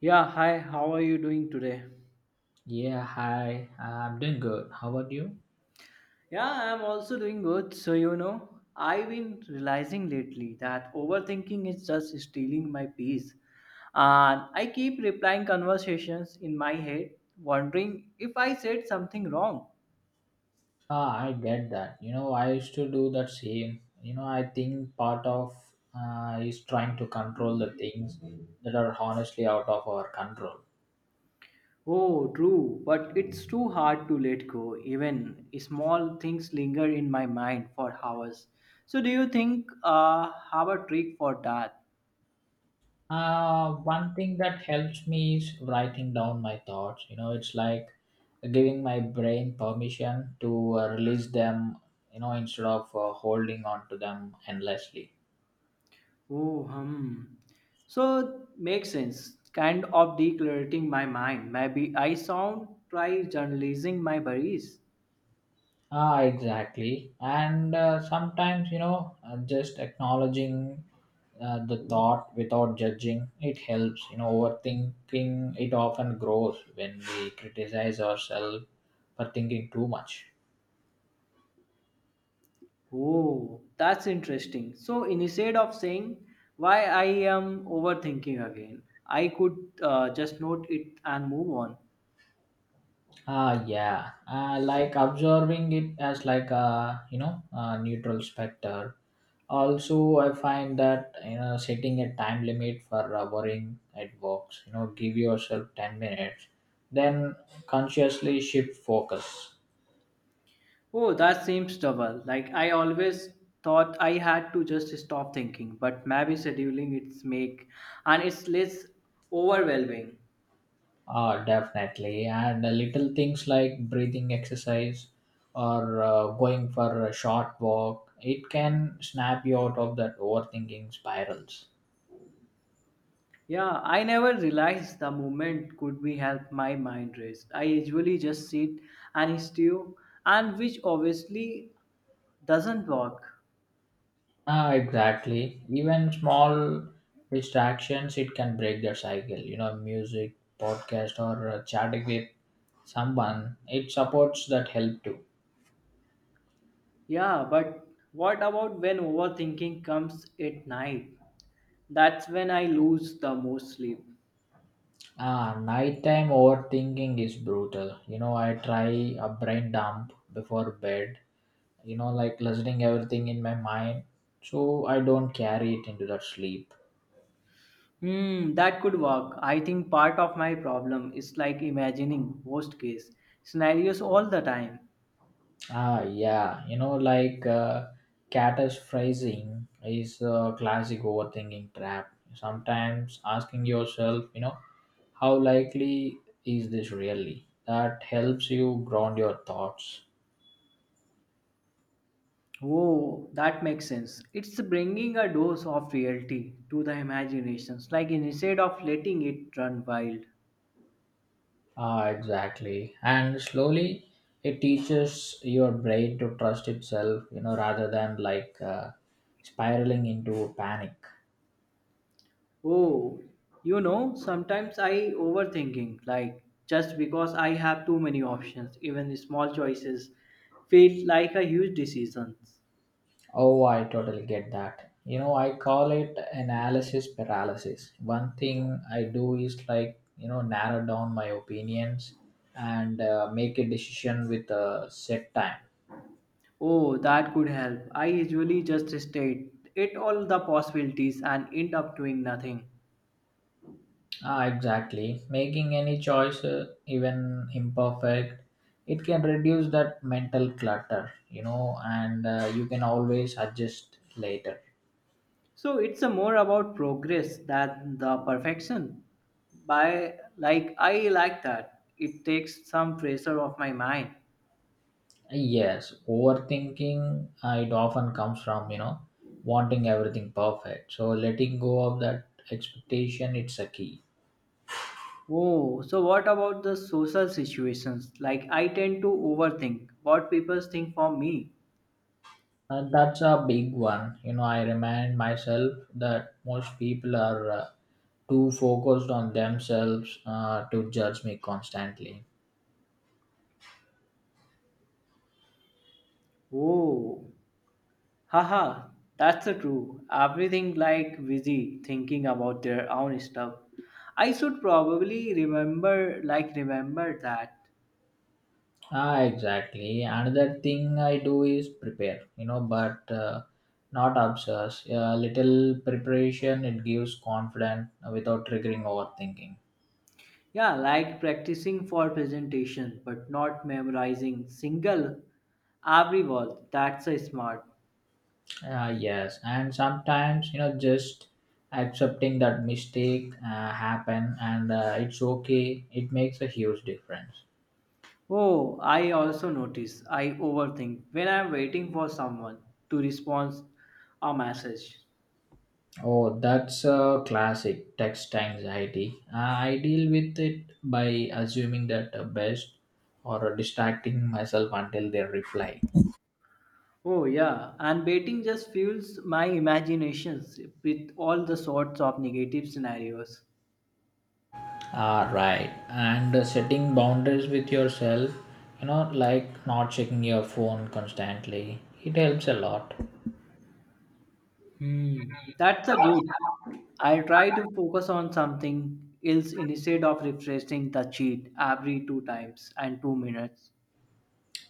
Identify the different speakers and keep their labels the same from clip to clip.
Speaker 1: Yeah, hi, how are you doing today?
Speaker 2: Yeah, hi. I'm doing good. How about you?
Speaker 1: Yeah, I'm also doing good. So, I've been realizing lately that overthinking is just stealing my peace. And I keep replying conversations in my head, wondering if I said something wrong.
Speaker 2: Ah, I get that. You know, I used to do that same. You know, I think part of is trying to control the things that are honestly out of our control.
Speaker 1: Oh, true, but it's too hard to let go. Even small things linger in my mind for hours. So, do you think have a trick for that?
Speaker 2: One thing that helps me is writing down my thoughts. You know, it's like giving my brain permission to release them, you know, instead of holding on to them endlessly.
Speaker 1: Oh, hmm. So makes sense. Kind of decluttering my mind. Maybe I sound try journalizing my worries.
Speaker 2: Ah, exactly. And sometimes, just acknowledging the thought without judging, it helps. You know, overthinking, it often grows when we criticize ourselves for thinking too much.
Speaker 1: Oh, that's interesting. So instead of saying why I am overthinking again, I could just note it and move on.
Speaker 2: Ah, yeah. Like observing it as like a, you know, a neutral specter. Also, I find that you know setting a time limit for worrying at works. You know, give yourself 10 minutes, then consciously shift focus.
Speaker 1: Oh, that seems double. Like I always thought I had to just stop thinking, but maybe scheduling it's make and it's less overwhelming.
Speaker 2: Definitely, and little things like breathing exercise or going for a short walk, it can snap you out of that overthinking spirals.
Speaker 1: Yeah, I never realized the movement could be help my mind rest. I usually just sit and stew, and which obviously doesn't work.
Speaker 2: Ah, exactly. Even small distractions, it can break their cycle. You know, music, podcast, or chatting with someone, it supports that help too.
Speaker 1: Yeah, but what about when overthinking comes at night? That's when I lose the most sleep.
Speaker 2: Ah, nighttime overthinking is brutal. You know, I try a brain dump before bed, you know, like listening everything in my mind, so I don't carry it into that sleep.
Speaker 1: Hmm, that could work. I think part of my problem is like imagining worst case scenarios all the time.
Speaker 2: Ah, yeah, you know, like catastrophizing is a classic overthinking trap. Sometimes asking yourself, you know, how likely is this really, that helps you ground your thoughts.
Speaker 1: Oh, that makes sense. It's bringing a dose of reality to the imaginations, like instead of letting it run wild.
Speaker 2: Ah, exactly. And slowly, it teaches your brain to trust itself, you know, rather than like spiraling into panic.
Speaker 1: Oh, sometimes I overthinking, like just because I have too many options, even small choices feel like a huge decisions.
Speaker 2: Oh, I totally get that. You know, I call it analysis paralysis. One thing I do is like, you know, narrow down my opinions and make a decision with a set time.
Speaker 1: Oh, that could help. I usually just state it all the possibilities and end up doing nothing.
Speaker 2: Ah, exactly. Making any choice, even imperfect, it can reduce that mental clutter, you know, and you can always adjust later.
Speaker 1: So it's a more about progress than the perfection. By like I like that. It takes some pressure off my mind.
Speaker 2: Yes, overthinking, it often comes from, you know, wanting everything perfect. So letting go of that expectation, it's a key.
Speaker 1: Oh, so what about the social situations? Like I tend to overthink what people think for me.
Speaker 2: That's a big one. You know, I remind myself that most people are too focused on themselves to judge me constantly.
Speaker 1: Oh, haha, that's the true. Everything like busy thinking about their own stuff. I should probably remember like remember that.
Speaker 2: Ah, exactly. Another thing I do is prepare, you know, but not obsess. A little preparation, it gives confidence without triggering overthinking.
Speaker 1: Yeah, like practicing for presentation but not memorizing single every word. That's a smart.
Speaker 2: Yes, and sometimes, you know, just accepting that mistake happen and it's okay. It makes a huge difference.
Speaker 1: Oh, I also notice I overthink when I'm waiting for someone to respond a message.
Speaker 2: Oh, that's a classic text anxiety. I deal with it by assuming that the best or distracting myself until they reply.
Speaker 1: Oh yeah, and waiting just fuels my imaginations with all the sorts of negative scenarios.
Speaker 2: Ah, right. And setting boundaries with yourself, you know, like not checking your phone constantly, it helps a lot.
Speaker 1: Hmm, that's a good. I try to focus on something else instead of refreshing the cheat every two times and 2 minutes.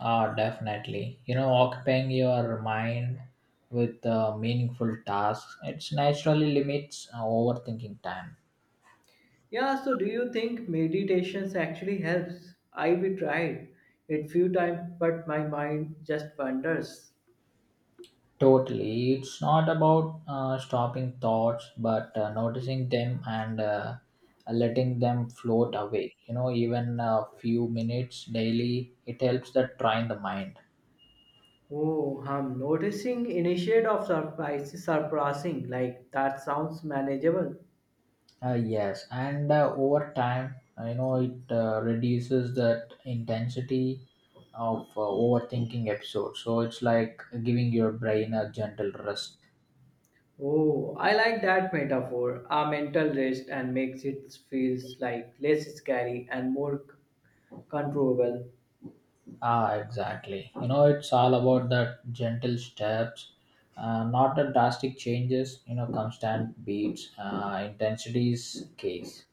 Speaker 2: Ah, definitely. You know, occupying your mind with meaningful tasks, it's naturally limits overthinking time.
Speaker 1: Yeah, so do you think meditations actually helps? I we tried it few times, but my mind just wanders.
Speaker 2: Totally. It's not about stopping thoughts, but noticing them and letting them float away. You know, even a few minutes daily, it helps that train the mind.
Speaker 1: Oh, I'm noticing instead of surprise, surprising. Like that sounds manageable.
Speaker 2: Yes, and over time, I know it reduces that intensity of overthinking episodes. So it's like giving your brain a gentle rest.
Speaker 1: Oh, I like that metaphor. A mental rest and makes it feels like less scary and more controllable.
Speaker 2: Ah, exactly. You know, it's all about that gentle steps, not the drastic changes. You know, constant beats, intensities case.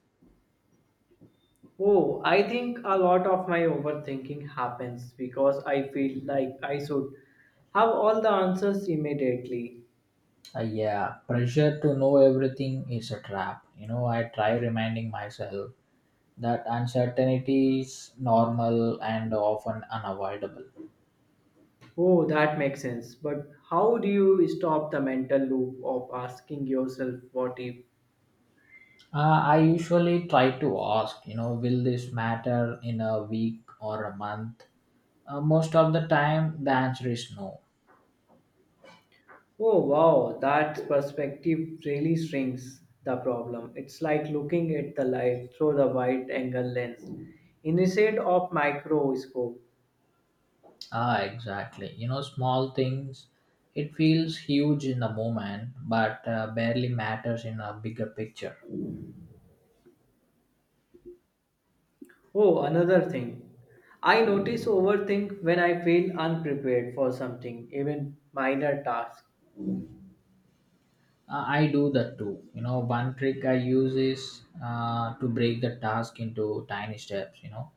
Speaker 1: Oh, I think a lot of my overthinking happens because I feel like I should have all the answers immediately.
Speaker 2: Yeah, pressure to know everything is a trap. You know, I try reminding myself that uncertainty is normal and often unavoidable.
Speaker 1: Oh, that makes sense. But how do you stop the mental loop of asking yourself what if?
Speaker 2: I usually try to ask, you know, will this matter in a week or a month? Most of the time, the answer is no.
Speaker 1: Oh wow, that perspective really shrinks the problem. It's like looking at the light through the wide angle lens instead of microscope.
Speaker 2: Ah, exactly. You know, small things, it feels huge in the moment, but barely matters in a bigger picture.
Speaker 1: Oh, another thing. I notice overthink when I feel unprepared for something, even minor tasks.
Speaker 2: I do that too. You know, one trick I use is to break the task into tiny steps, you know,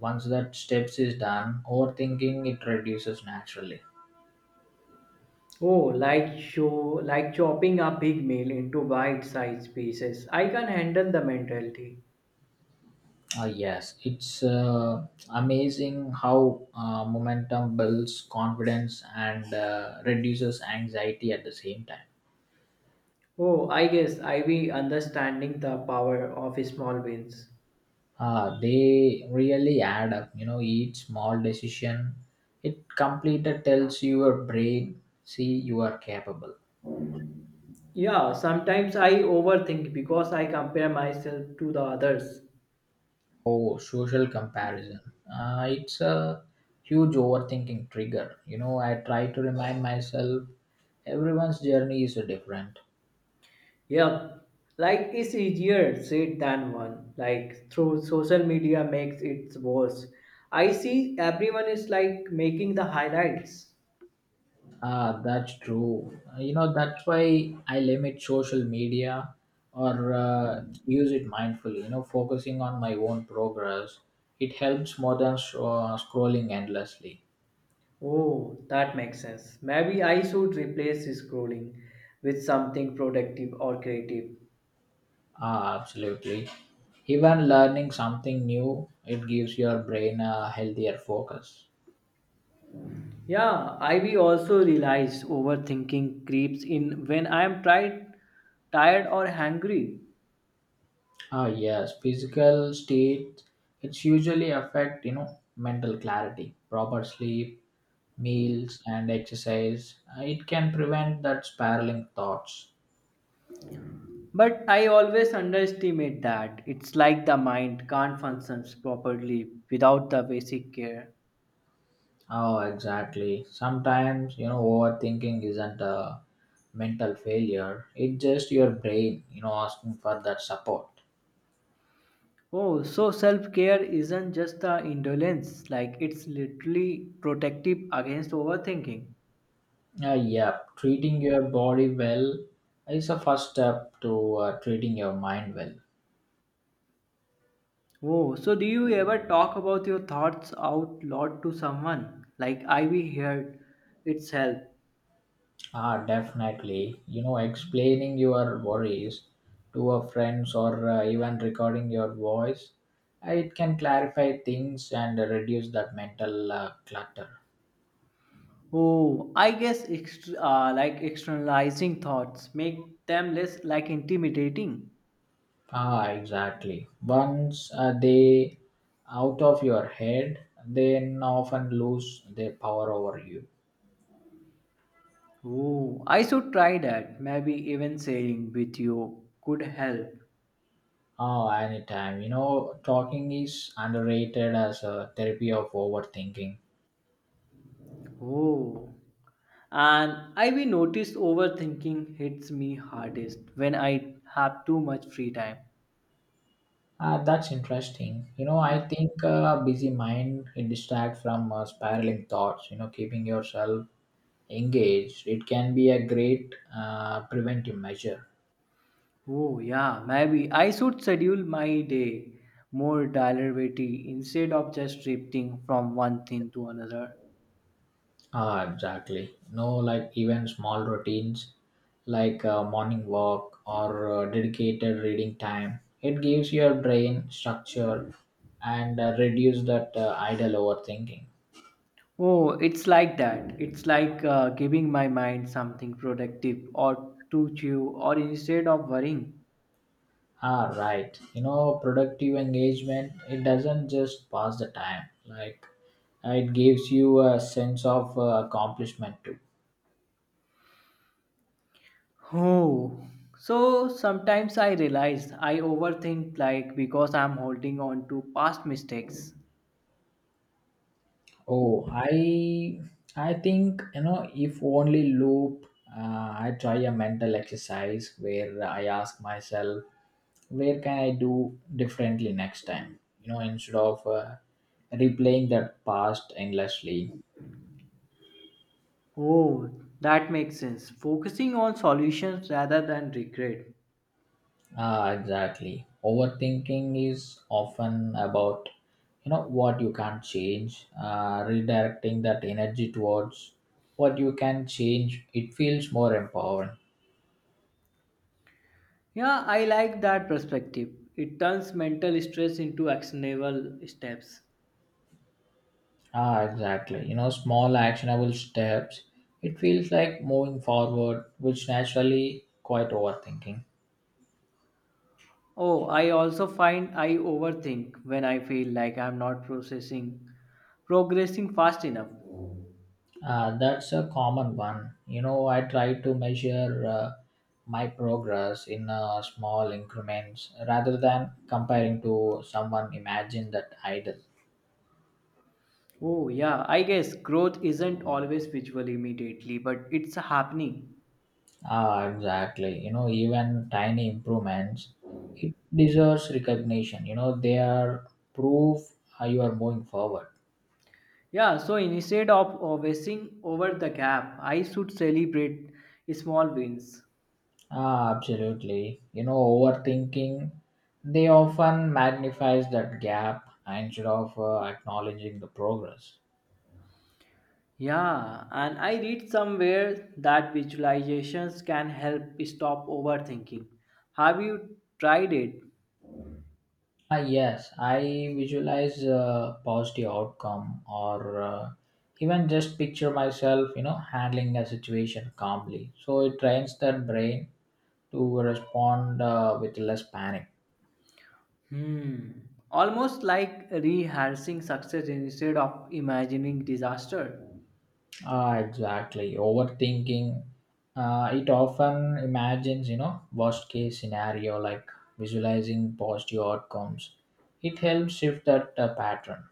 Speaker 2: once that steps is done overthinking, it reduces naturally.
Speaker 1: Oh, like show like chopping a big meal into bite-sized pieces. I can handle the mentality.
Speaker 2: Yes, it's amazing how momentum builds confidence and reduces anxiety at the same time.
Speaker 1: Oh, I guess I be understanding the power of small wins.
Speaker 2: They really add up. You know, each small decision it completed tells your brain, see, you are capable.
Speaker 1: Yeah, sometimes I overthink because I compare myself to the others.
Speaker 2: Oh, social comparison, it's a huge overthinking trigger. You know, I try to remind myself everyone's journey is so different.
Speaker 1: Yeah, like it's easier said than one. Like through social media makes it worse. I see everyone is like making the highlights.
Speaker 2: Ah, that's true. You know, that's why I limit social media or use it mindfully. You know, focusing on my own progress it helps more than scrolling endlessly.
Speaker 1: Oh, that makes sense. Maybe I should replace scrolling with something productive or creative.
Speaker 2: Ah, absolutely. Even learning something new, it gives your brain a healthier focus.
Speaker 1: Yeah, I will also realize overthinking creeps in when I am tired, tired or hungry.
Speaker 2: Ah, yes, physical state, it's usually affect, you know, mental clarity, proper sleep, meals, and exercise. It can prevent that spiraling thoughts.
Speaker 1: But I always underestimate that. It's like the mind can't function properly without the basic care.
Speaker 2: Oh, exactly. Sometimes, you know, overthinking isn't a mental failure. It's just your brain, you know, asking for that support.
Speaker 1: Oh, so self care isn't just the indolence, like it's literally protective against overthinking.
Speaker 2: Yeah, treating your body well is a first step to treating your mind well.
Speaker 1: Oh, so do you ever talk about your thoughts out loud to someone? Like I we heard it's help.
Speaker 2: Ah, definitely. You know, explaining your worries to a friends or even recording your voice, it can clarify things and reduce that mental clutter.
Speaker 1: Oh, I guess like externalizing thoughts make them less like intimidating.
Speaker 2: Ah, exactly. Once they out of your head, then often lose their power over you.
Speaker 1: Oh, I should try that. Maybe even sharing with you could help.
Speaker 2: Oh, anytime. You know, talking is underrated as a therapy of overthinking.
Speaker 1: Oh, and I will notice overthinking hits me hardest when I have too much free time.
Speaker 2: Ah, that's interesting. You know, I think a busy mind, it distracts from spiraling thoughts. You know, keeping yourself engaged, it can be a great preventive measure.
Speaker 1: Oh, yeah, maybe I should schedule my day more deliberately instead of just drifting from one thing to another.
Speaker 2: Ah, exactly. No, like even small routines like morning walk or dedicated reading time. It gives your brain structure and reduce that idle overthinking.
Speaker 1: Oh, it's like that. It's like giving my mind something productive or to chew, or instead of worrying.
Speaker 2: Ah, right. You know, productive engagement, it doesn't just pass the time. Like it gives you a sense of accomplishment too.
Speaker 1: Oh, so sometimes I realize I overthink like because I'm holding on to past mistakes.
Speaker 2: Oh, i think, you know, if only loop, I try a mental exercise where I ask myself where can I do differently next time, you know, instead of replaying that past endlessly.
Speaker 1: Oh, that makes sense. Focusing on solutions rather than regret.
Speaker 2: Ah, exactly. Overthinking is often about, you know, what you can't change, redirecting that energy towards what you can change. It feels more empowering.
Speaker 1: Yeah, I like that perspective. It turns mental stress into actionable steps.
Speaker 2: Ah, exactly. You know, small actionable steps. It feels like moving forward, which naturally quite overthinking.
Speaker 1: Oh, I also find I overthink when I feel like I'm not processing progressing fast enough.
Speaker 2: That's a common one. You know, I try to measure my progress in small increments rather than comparing to someone imagined that idol.
Speaker 1: Oh, yeah, I guess growth isn't always visual immediately, but it's happening.
Speaker 2: Ah, exactly. You know, even tiny improvements, it deserves recognition. You know, they are proof how you are moving forward.
Speaker 1: Yeah, so instead of wasting over the gap, I should celebrate small wins.
Speaker 2: Ah, absolutely. You know, overthinking, they often magnifies that gap instead of acknowledging the progress.
Speaker 1: Yeah, and I read somewhere that visualizations can help stop overthinking. Have you tried it?
Speaker 2: Ah, yes, I visualize a positive outcome or even just picture myself, you know, handling a situation calmly. So it trains that brain to respond with less panic.
Speaker 1: Hmm. Almost like rehearsing success instead of imagining disaster.
Speaker 2: Ah, exactly. Overthinking, it often imagines, you know, worst case scenario like visualizing positive outcomes. It helps shift that pattern.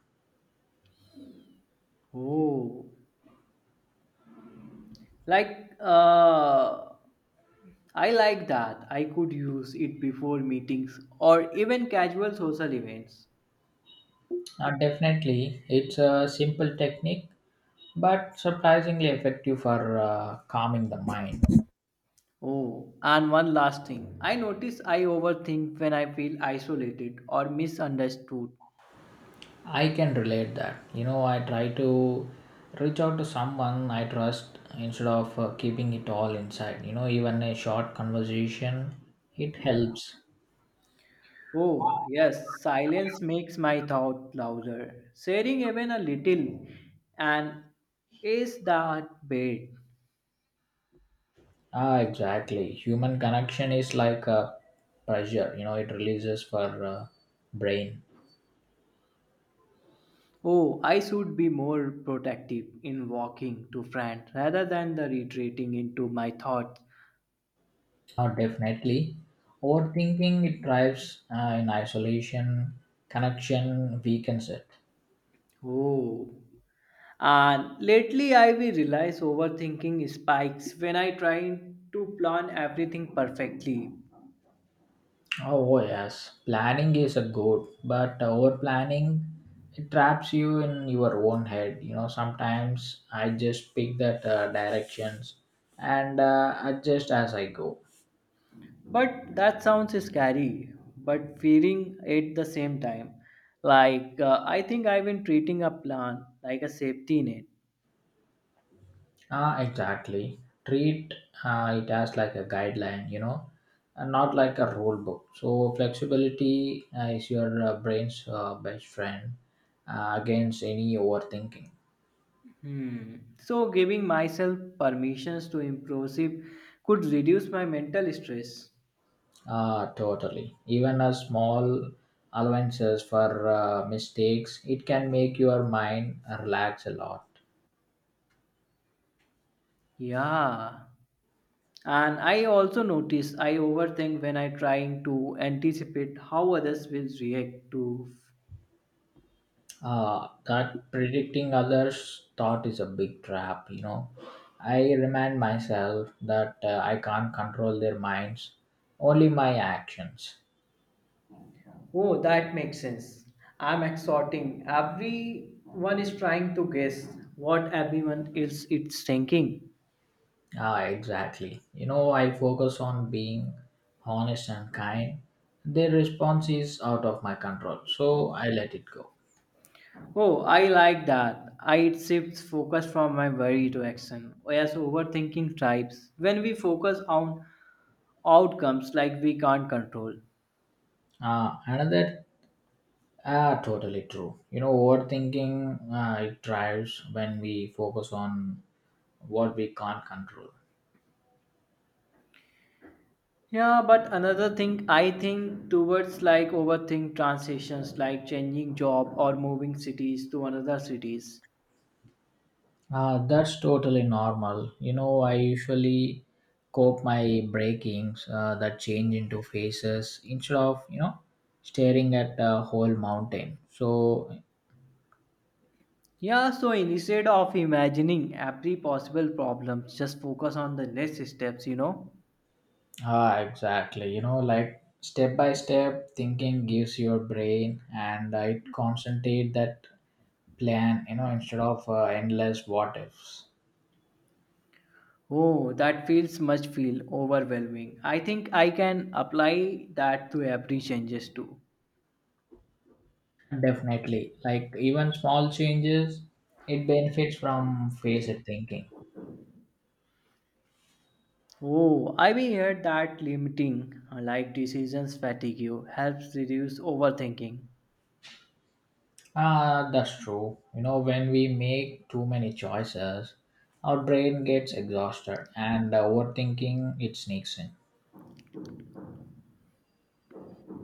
Speaker 1: Oh, like I like that. I could use it before meetings or even casual social events.
Speaker 2: Definitely, it's a simple technique but surprisingly effective for calming the mind.
Speaker 1: Oh, and one last thing. I notice I overthink when I feel isolated or misunderstood.
Speaker 2: I can relate that. You know, I try to reach out to someone I trust instead of keeping it all inside. You know, even a short conversation, it helps.
Speaker 1: Oh, yes, silence makes my thought louder. Sharing even a little and is that bad?
Speaker 2: Ah, exactly. Human connection is like a pressure. You know, it releases for brain.
Speaker 1: Oh, I should be more protective in walking to friends rather than the retreating into my thoughts.
Speaker 2: Oh, definitely. Overthinking, it drives in isolation. Connection weakens it.
Speaker 1: Oh, and lately I will realize overthinking spikes when I try to plan everything perfectly.
Speaker 2: Oh yes, planning is a good, but over planning, it traps you in your own head. You know, sometimes I just pick that directions and adjust as I go.
Speaker 1: But that sounds scary, but fearing at the same time. Like, I think I've been treating a plan like a safety net.
Speaker 2: Ah, exactly. Treat it as like a guideline. You know, and not like a rule book. So flexibility is your brain's best friend against any overthinking.
Speaker 1: Hmm. So, giving myself permissions to improve could reduce my mental stress.
Speaker 2: Ah, totally. Even a small allowances for mistakes, it can make your mind relax a lot.
Speaker 1: Yeah. And I also notice I overthink when I trying to anticipate how others will react to.
Speaker 2: Ah, that predicting others' thought is a big trap, you know. I remind myself that I can't control their minds, only my actions.
Speaker 1: Oh, that makes sense. I'm exhorting. Everyone is trying to guess what everyone else is thinking.
Speaker 2: Ah, exactly. You know, I focus on being honest and kind. Their response is out of my control, so I let it go.
Speaker 1: Oh, I like that. I it shifts focus from my worry to action. Whereas overthinking thrives when we focus on outcomes like we can't control.
Speaker 2: Another. Ah, totally true. You know, overthinking, it drives when we focus on what we can't control.
Speaker 1: Yeah, but another thing I think towards like overthink transitions like changing job or moving cities to another cities.
Speaker 2: That's totally normal. You know, I usually cope my breakings that change into faces instead of, you know, staring at a whole mountain. So
Speaker 1: Yeah, so instead of imagining every possible problem, just focus on the less steps,
Speaker 2: ah, exactly. You know, like step by step thinking gives your brain and it concentrate that plan. You know, instead of endless what ifs.
Speaker 1: Oh, that feels much feel overwhelming. I think I can apply that to every changes too.
Speaker 2: Definitely. Like even small changes, it benefits from phased thinking.
Speaker 1: Oh, I've heard that limiting like decisions fatigue you helps reduce overthinking.
Speaker 2: Ah, that's true. You know, when we make too many choices, our brain gets exhausted and overthinking, it sneaks in.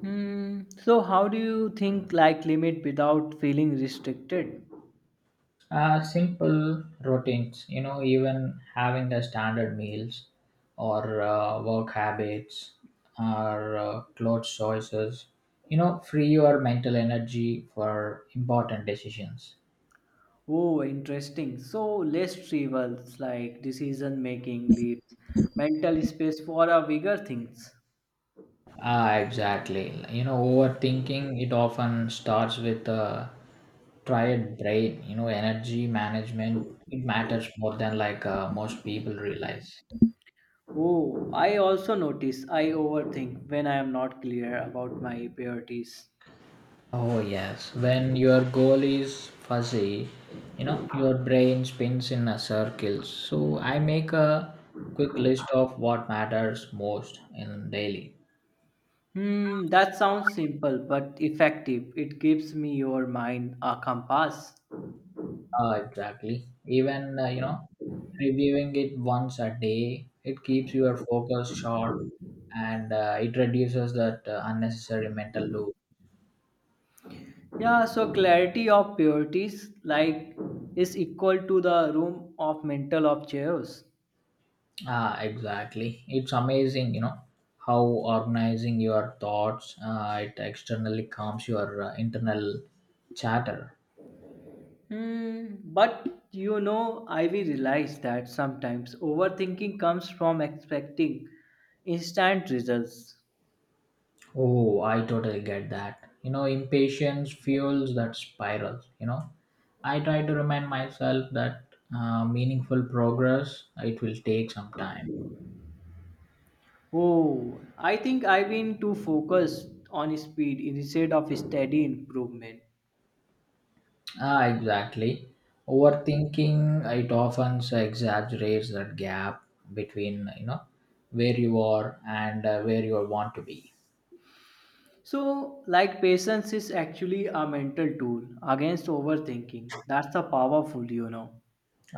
Speaker 1: Hmm. So how do you think like limit without feeling restricted?
Speaker 2: Simple routines, you know, even having the standard meals or work habits or clothes choices, you know, free your mental energy for important decisions.
Speaker 1: Oh, interesting. So less trivial, like decision making leaves mental space for a bigger things.
Speaker 2: Ah, exactly. You know, overthinking, it often starts with a tired brain. You know, energy management, it matters more than like most people realize.
Speaker 1: Oh, I also notice I overthink when I am not clear about my priorities.
Speaker 2: Oh, yes. When your goal is fuzzy, you know, your brain spins in a circle. So I make a quick list of what matters most in daily.
Speaker 1: Hmm, that sounds simple but effective. It gives me your mind a compass.
Speaker 2: Exactly. Even you know, reviewing it once a day, it keeps your focus sharp and it reduces that unnecessary mental loop.
Speaker 1: Yeah, so clarity of priorities like is equal to the room of mental of chaos.
Speaker 2: Ah, exactly. It's amazing, you know, how organizing your thoughts it externally calms your internal chatter.
Speaker 1: Hmm, but I will realize that sometimes overthinking comes from expecting instant results.
Speaker 2: Oh, I totally get that. You know, impatience fuels that spiral. You know, I try to remind myself that meaningful progress it will take some time.
Speaker 1: Oh, I think I've been too focused on speed instead of steady improvement.
Speaker 2: Ah, exactly. Overthinking it often exaggerates that gap between you know where you are and where you want to be.
Speaker 1: So, like patience is actually a mental tool against overthinking. That's the powerful.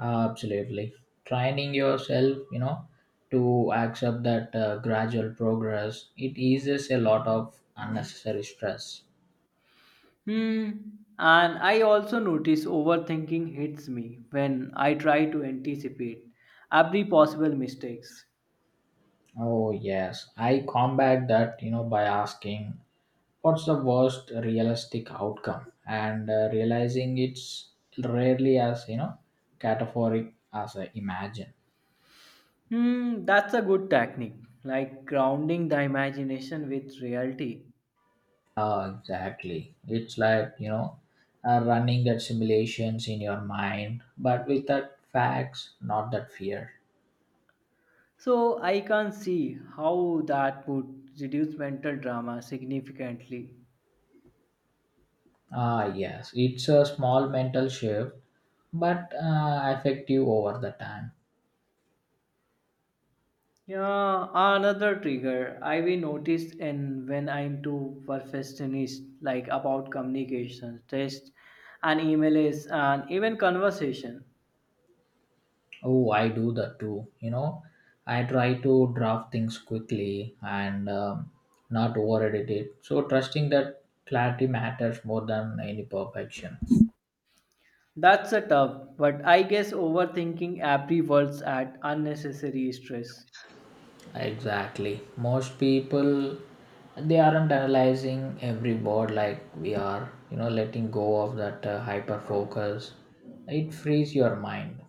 Speaker 2: Absolutely. Training yourself, you know, to accept that gradual progress, it eases a lot of unnecessary stress.
Speaker 1: Hmm. And I also notice overthinking hits me when I try to anticipate every possible mistakes.
Speaker 2: Oh, yes. I combat that, you know, by asking what's the worst realistic outcome and realizing it's rarely as, you know, categoric as I imagine.
Speaker 1: Hmm, that's a good technique, like grounding the imagination with reality.
Speaker 2: Ah, exactly. It's like, you know, running that simulations in your mind, but with that facts, not that fear.
Speaker 1: So I can see how that would reduce mental drama significantly.
Speaker 2: Ah, yes, it's a small mental shift, but effective over the time.
Speaker 1: Yeah, another trigger I will notice in when I'm too perfectionist, like about communication, test, and email is, and even conversation.
Speaker 2: Oh, I do that too. You know, I try to draft things quickly and not overedit it. So, trusting that clarity matters more than any perfection.
Speaker 1: That's a tough, but I guess overthinking every words add unnecessary stress.
Speaker 2: Exactly. Most people they aren't analyzing every word like we are. You know, letting go of that hyper focus, it frees your mind.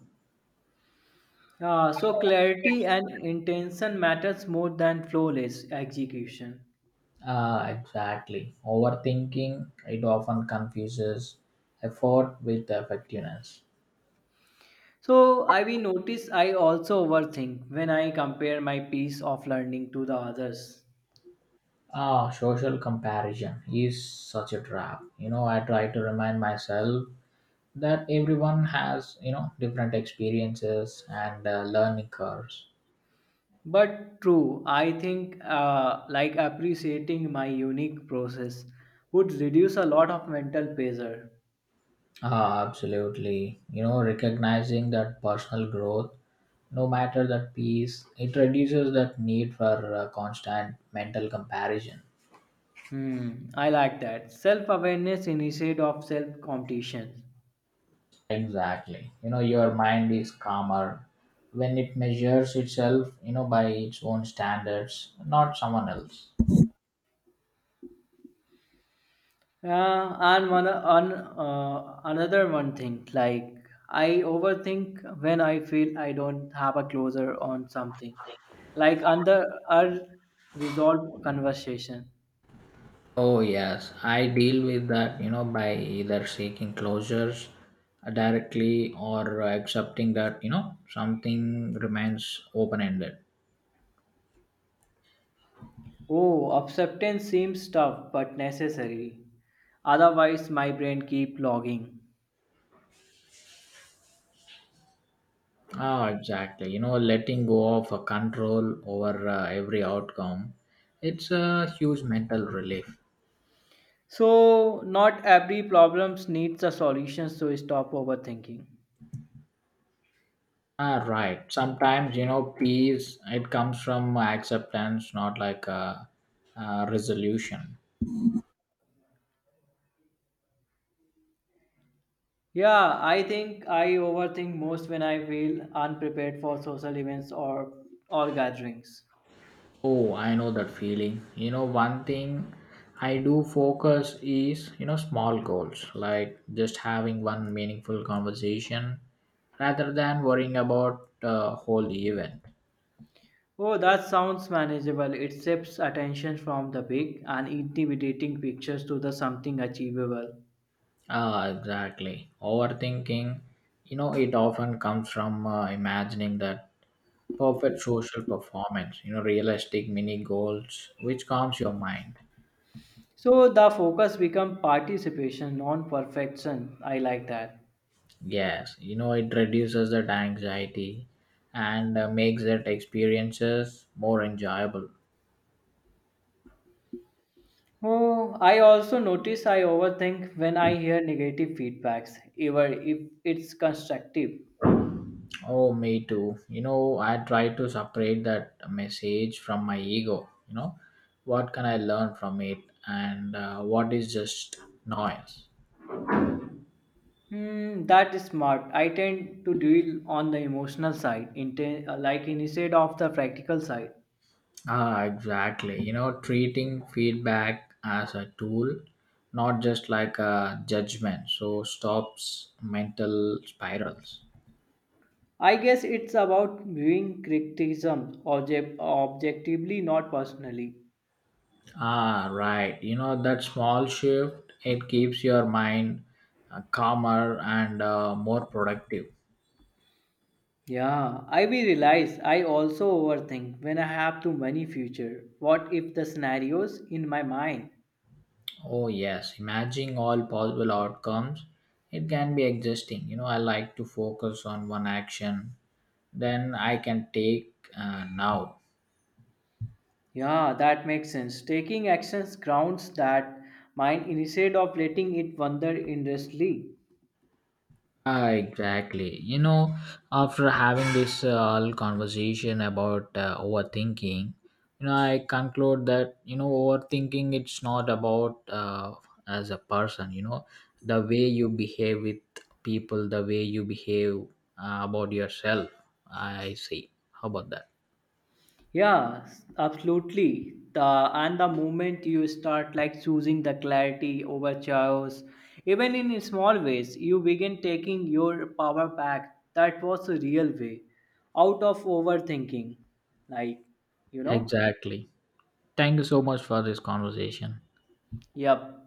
Speaker 1: So clarity and intention matters more than flawless execution.
Speaker 2: Ah, exactly. Overthinking, it often confuses effort with effectiveness.
Speaker 1: So I will notice I also overthink when I compare my piece of learning to the others.
Speaker 2: Ah, social comparison is such a trap. You know, I try to remind myself that everyone has, you know, different experiences and learning curves.
Speaker 1: But true, I think like appreciating my unique process would reduce a lot of mental pressure.
Speaker 2: Ah, absolutely. You know, recognizing that personal growth, no matter that piece, it reduces that need for constant mental comparison.
Speaker 1: Hmm, I like that. Self awareness instead of self competition.
Speaker 2: Exactly. You know, your mind is calmer when it measures itself, you know, by its own standards, not someone else.
Speaker 1: Yeah, and one on another one thing, like I overthink when I feel I don't have a closure on something, like under unresolved conversation.
Speaker 2: Oh, yes. I deal with that, you know, by either seeking closures directly or accepting that, you know, something remains open ended.
Speaker 1: Oh, acceptance seems tough but necessary. Otherwise, my brain keep logging.
Speaker 2: Ah, exactly. You know, letting go of a control over every outcome, it's a huge mental relief.
Speaker 1: So, not every problems needs a solution. So, stop overthinking.
Speaker 2: Ah, right. Sometimes, you know, peace, it comes from acceptance, not like a resolution.
Speaker 1: Yeah, I think I overthink most when I feel unprepared for social events or gatherings.
Speaker 2: Oh, I know that feeling. You know, one thing I do focus is, you know, small goals, like just having one meaningful conversation rather than worrying about the whole event.
Speaker 1: Oh, that sounds manageable. It shifts attention from the big and intimidating pictures to the something achievable.
Speaker 2: Ah, exactly. Overthinking, you know, it often comes from imagining that perfect social performance, you know, realistic mini goals which calms your mind.
Speaker 1: So the focus becomes participation, non perfection. I like that.
Speaker 2: Yes, you know, it reduces that anxiety and makes that experiences more enjoyable.
Speaker 1: Oh, I also notice I overthink when I hear negative feedbacks, even if it's constructive.
Speaker 2: Oh, me too. You know, I try to separate that message from my ego. You know, what can I learn from it and what is just noise.
Speaker 1: Hmm, that is smart. I tend to deal on the emotional side, like instead of the practical side.
Speaker 2: Ah, exactly. You know, treating feedback as a tool, not just like a judgment, so stops mental spirals.
Speaker 1: I guess it's about viewing criticism objectively, not personally.
Speaker 2: Ah, right. You know, that small shift, it keeps your mind calmer and more productive.
Speaker 1: Yeah, I will realize I also overthink when I have too many future. What if the scenarios in my mind?
Speaker 2: Oh, yes. Imagining all possible outcomes, it can be exhausting. You know, I like to focus on one action, then I can take now.
Speaker 1: Yeah, that makes sense. Taking actions grounds that mind instead of letting it wander endlessly.
Speaker 2: Ah, exactly. You know, after having this all conversation about overthinking, you know, I conclude that you know overthinking it's not about as a person. You know, the way you behave with people, the way you behave about yourself. I see. How about that?
Speaker 1: Yeah, absolutely. The and the moment you start like choosing the clarity over chaos, even in small ways, you begin taking your power back. That was the real way out of overthinking. Like, you know?
Speaker 2: Exactly. Thank you so much for this conversation.
Speaker 1: Yep.